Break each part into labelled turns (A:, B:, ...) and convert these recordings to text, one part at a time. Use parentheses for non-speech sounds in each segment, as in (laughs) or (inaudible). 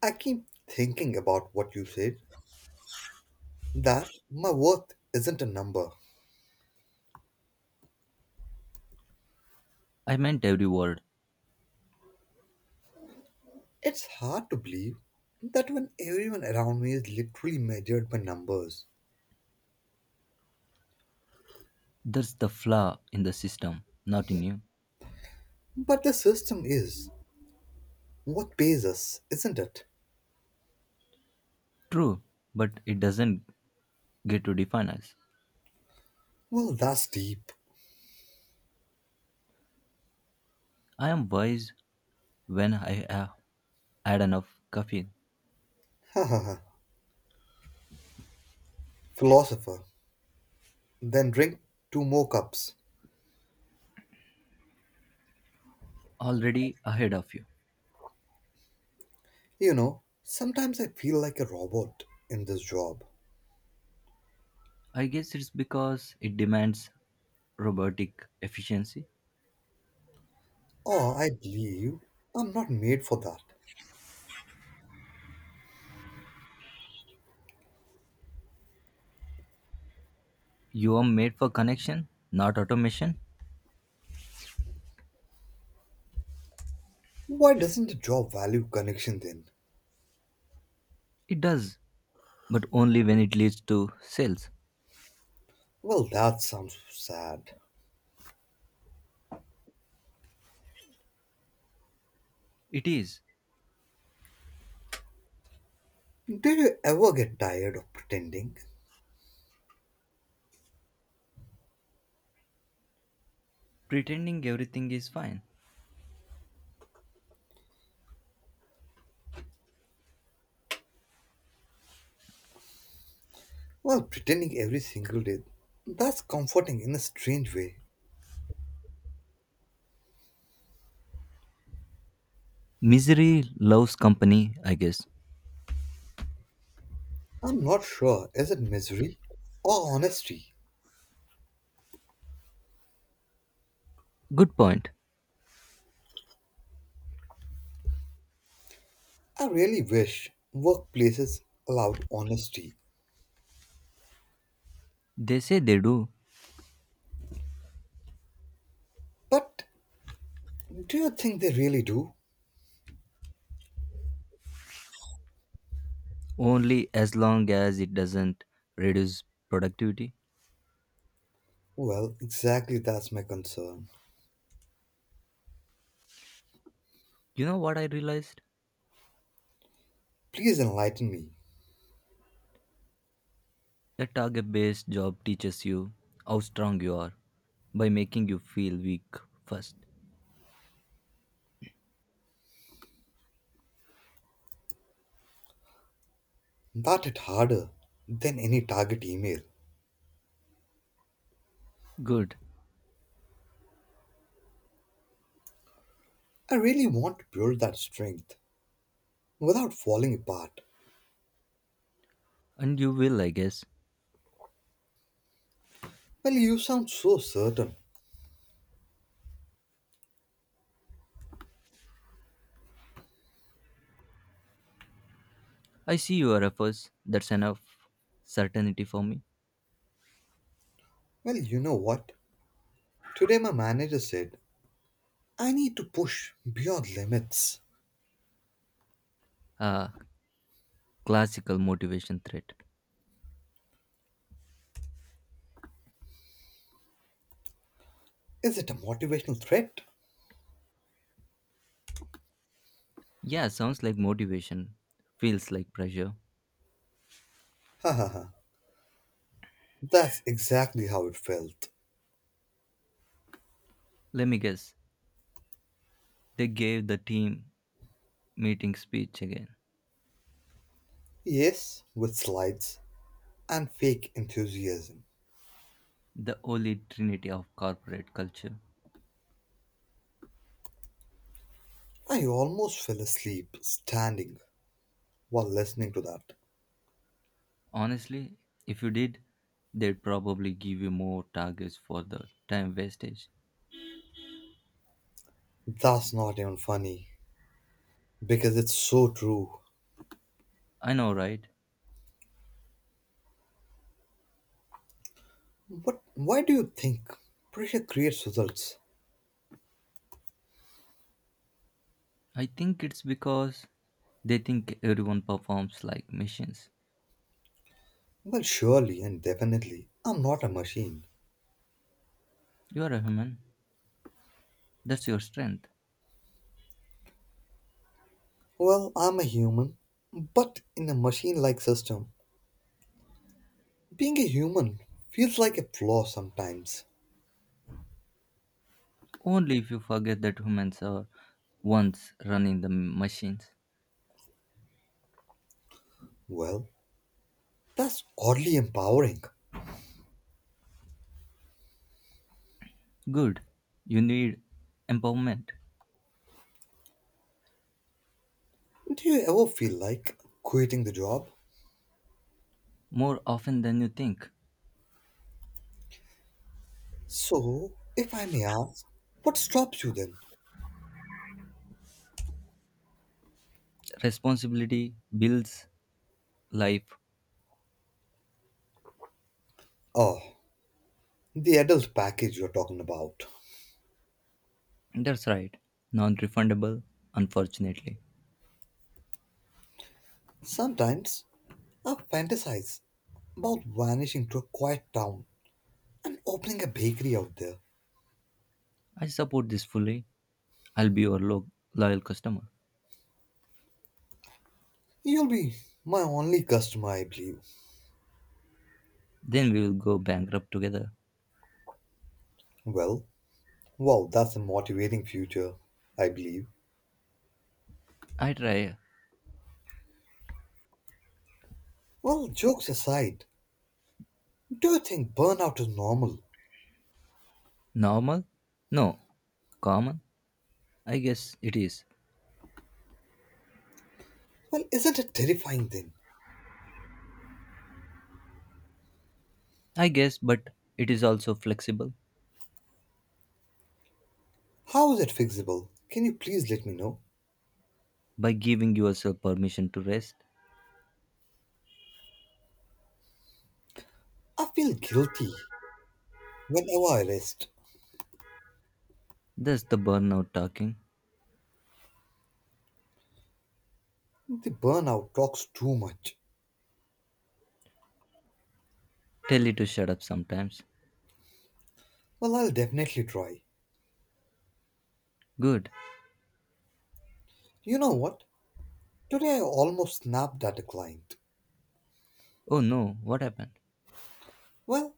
A: I keep thinking about what you said that my worth isn't a number.
B: I meant every word.
A: It's hard to believe that when everyone around me is literally measured by numbers.
B: That's the flaw in the system, not in you.
A: But the system is what pays us, isn't it?
B: True, but it doesn't get to define us.
A: Well, that's deep. (laughs)
B: I am wise when I have had enough caffeine
A: Ha ha ha. Philosopher. Then drink two more cups.
B: already ahead of you.
A: You know, sometimes I feel like a robot in this job.
B: I guess it's because it demands robotic efficiency.
A: Or I believe I'm not made for that.
B: You are made for connection, not automation.
A: Why doesn't the job value connection then?
B: It does, but only when it leads to sales.
A: Well, that sounds sad.
B: It is.
A: Did you ever get tired of pretending?
B: Pretending everything is fine.
A: Well, pretending every single day. That's comforting in a strange way.
B: Misery loves company, I guess.
A: I'm not sure. Is it misery or honesty?
B: Good point.
A: I really wish workplaces allowed honesty.
B: They say they do,
A: But do you think they really do?
B: only as long as it doesn't reduce productivity.
A: Well, exactly that's my concern.
B: You know what I realized?
A: Please enlighten me.
B: A target based job teaches you how strong you are by making you feel weak first.
A: That hit harder than any target email.
B: Good.
A: I really want to build that strength without falling apart.
B: And you will, I guess.
A: Well, you sound so certain.
B: I see your efforts. That's enough certainty for me.
A: Well, you know what? Today my manager said, I need to push beyond limits.
B: Ah, classical motivation threat.
A: Is it a motivational threat?
B: Yeah, sounds like motivation. Feels like pressure.
A: Ha ha ha. That's exactly how it felt.
B: Let me guess. They gave the team meeting speech again.
A: Yes, with slides and fake enthusiasm.
B: The holy trinity of corporate culture.
A: I almost fell asleep standing while listening to that.
B: Honestly, if you did, they'd probably give you more targets for the time wastage.
A: That's not even funny because it's so true.
B: I know, right?
A: But why do you think pressure creates results?
B: I think it's because they think everyone performs like machines.
A: Well, surely and definitely, I'm not a machine.
B: You are a human, that's your strength.
A: Well, I'm a human, but in a machine like system, being a human feels like a flaw sometimes.
B: Only if you forget that humans are ones running the machines.
A: Well, that's oddly empowering.
B: Good, you need empowerment
A: Do you ever feel like quitting the job?
B: more often than you think.
A: So, if I may ask, what stops you then?
B: Responsibility builds life.
A: Oh, the adult package you're talking about.
B: That's right. Non refundable, unfortunately.
A: Sometimes I fantasize about vanishing to a quiet town and opening a bakery out there.
B: I support this fully. I'll be your loyal customer.
A: You'll be my only customer, I believe.
B: Then we will go bankrupt together.
A: Well, that's a motivating future, I believe.
B: I try
A: Well, jokes aside, do you think burnout is normal?
B: normal? No. Common? I guess it is.
A: Well, isn't it terrifying then?
B: I guess, but it is also flexible.
A: How is it fixable? Can you please let me know?
B: By giving yourself permission to rest,
A: I feel guilty whenever I rest.
B: that's the burnout talking.
A: The burnout talks too much.
B: Tell it to shut up sometimes.
A: Well, I'll definitely try.
B: Good.
A: You know what? Today I almost snapped at a client.
B: Oh no, what happened?
A: Well,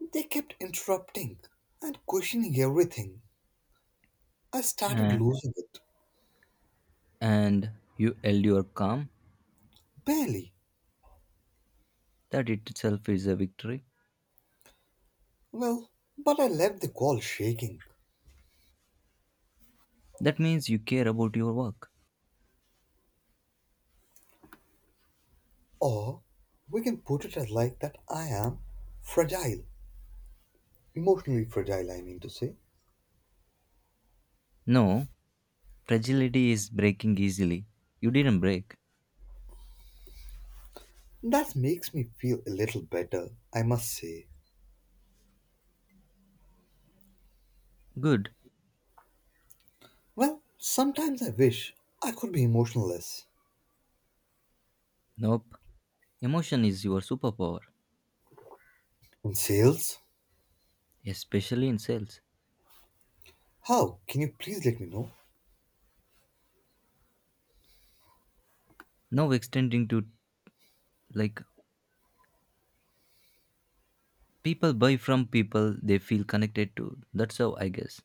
A: they kept interrupting and questioning everything. I started
B: Uh,
A: losing it.
B: and you held your calm.
A: Barely.
B: That itself is a victory.
A: Well, but I left the call shaking.
B: That means you care about your work.
A: Or we can put it as like that I am fragile, emotionally fragile, I mean to say.
B: No, fragility is breaking easily. You didn't break.
A: That makes me feel a little better, I must say.
B: Good.
A: Well, sometimes I wish I could be emotionless.
B: Nope. Emotion is your superpower,
A: In sales?
B: especially in sales.
A: How? Can you please let me know?
B: Now extending to like people buy from people they feel connected to. That's how I guess.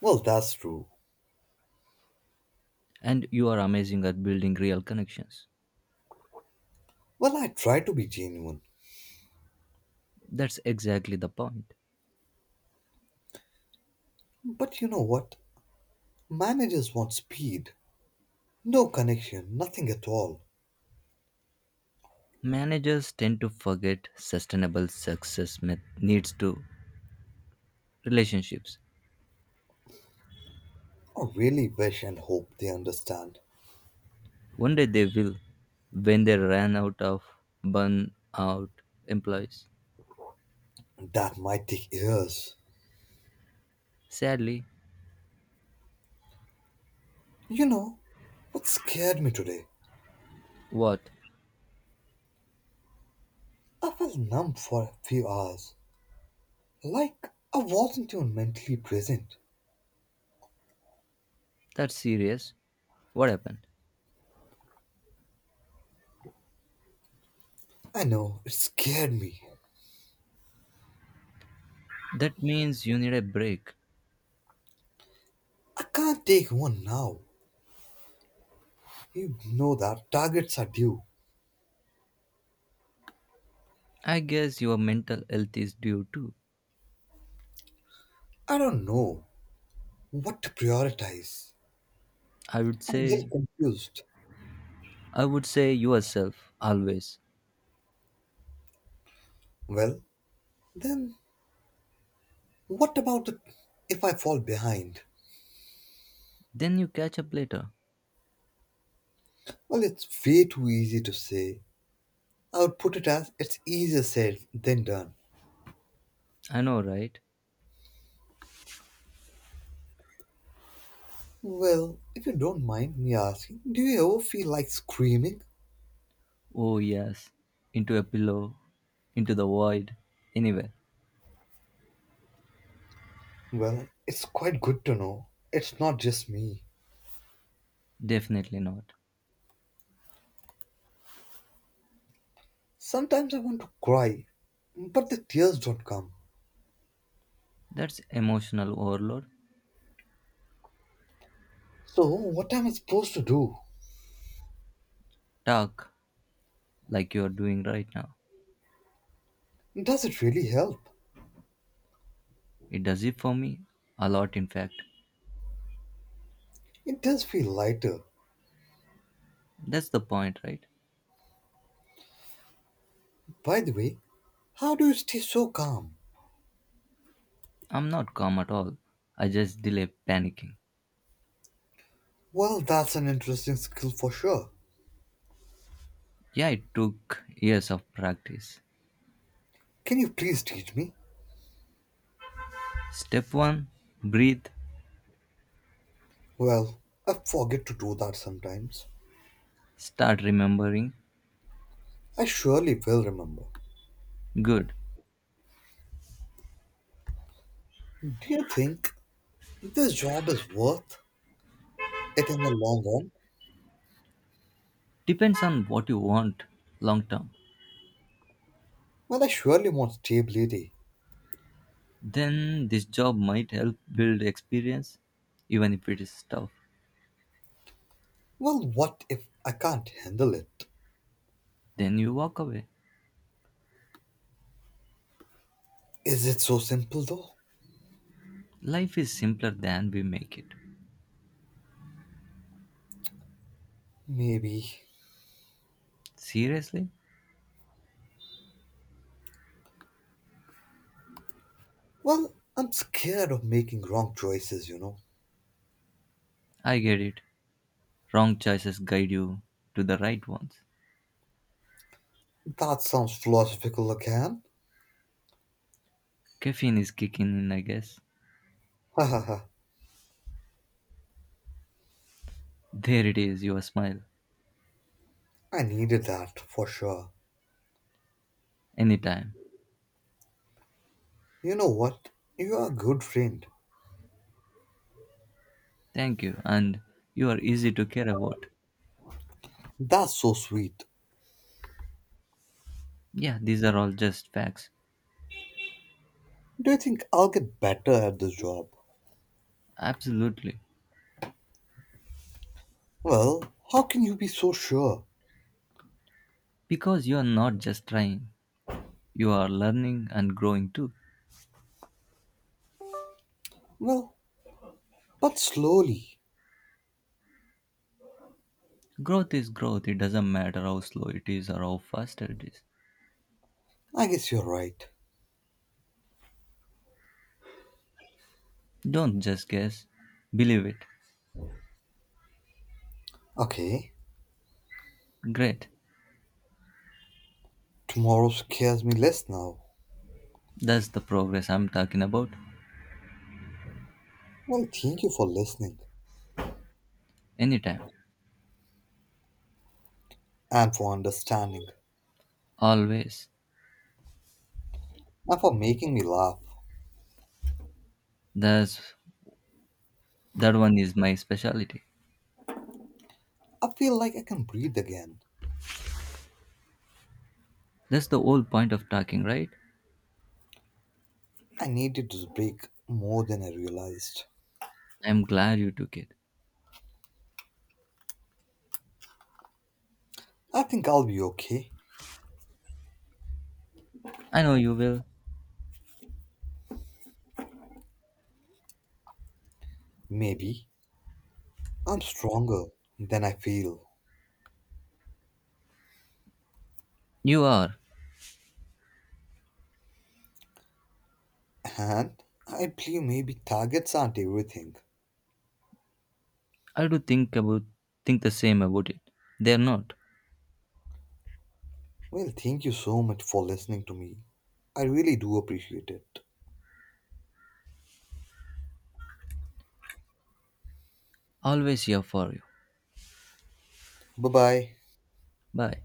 A: Well, that's true.
B: And you are amazing at building real connections.
A: Well, I try to be genuine.
B: That's exactly the point.
A: But you know what? Managers want speed, no connection, nothing at all.
B: Managers tend to forget sustainable success needs to relationships.
A: I really wish and hope they understand.
B: One day they will, when they ran out of burnout employees.
A: That might take years.
B: Sadly,
A: You know what scared me today?
B: what?
A: I felt numb for a few hours, like I wasn't even mentally present.
B: That's serious. What happened?
A: I know, it scared me.
B: That means you need a break.
A: I can't take one now. You know that targets are due.
B: I guess your mental health is due too.
A: I don't know what to prioritize.
B: I would
A: I'm really
B: say,
A: confused.
B: I would say yourself always.
A: Well, then what about the, if I fall behind?
B: Then you catch up later.
A: Well, it's way too easy to say. I would put it as it's easier said than done.
B: I know, right?
A: Well, if you don't mind me asking, do you ever feel like screaming?
B: Oh, yes. Into a pillow, into the void, anywhere.
A: Well, it's quite good to know. It's not just me.
B: Definitely not.
A: Sometimes I want to cry, but the tears don't come.
B: That's emotional overload.
A: So, what am I supposed to do?
B: Talk like you are doing right now.
A: Does it really help?
B: It does it for me. A lot, in fact.
A: It does feel lighter.
B: That's the point, right?
A: By the way, how do you stay so calm?
B: I'm not calm at all. I just delay panicking.
A: Well, that's an interesting skill for sure.
B: Yeah, it took years of practice.
A: Can you please teach me?
B: Step 1. Breathe.
A: Well, I forget to do that sometimes.
B: Start remembering.
A: I surely will remember.
B: Good.
A: Do you think this job is worth it in the long run
B: Depends on what you want long term.
A: when I surely want stability.
B: Then this job might help build experience, even if it is tough.
A: Well, what if I can't handle it?
B: Then you walk away.
A: Is it so simple though?
B: Life is simpler than we make it.
A: Maybe.
B: Seriously?
A: Well, I'm scared of making wrong choices, you know.
B: I get it. Wrong choices guide you to the right ones.
A: That sounds philosophical again. (laughs)
B: Caffeine is kicking in, I guess.
A: Ha ha ha.
B: There it is, your smile.
A: I needed that for sure.
B: Anytime.
A: You know what? You are a good friend.
B: Thank you, and you are easy to care about.
A: That's so sweet.
B: Yeah, these are all just facts.
A: Do you think I'll get better at this job?
B: Absolutely.
A: Well, how can you be so sure?
B: Because you are not just trying, you are learning and growing too.
A: Well, but slowly.
B: Growth is growth, it doesn't matter how slow it is or how fast it is.
A: I guess you're right.
B: Don't just guess, believe it.
A: Okay.
B: Great,
A: Tomorrow scares me less now.
B: that's the progress I'm talking about.
A: Well, thank you for listening
B: Anytime,
A: and for understanding
B: always.
A: and for making me laugh.
B: That's, that one is my specialty.
A: I feel like I can breathe again.
B: That's the whole point of talking, right?
A: I needed this break more than I realized.
B: I'm glad you took it.
A: I think I'll be okay.
B: I know you will.
A: Maybe. I'm stronger than I feel.
B: You are.
A: And I believe maybe targets aren't everything.
B: I do think about think the same about it. They're not.
A: Well, thank you so much for listening to me. I really do appreciate it.
B: Always here for you.
A: Bye bye.
B: Bye.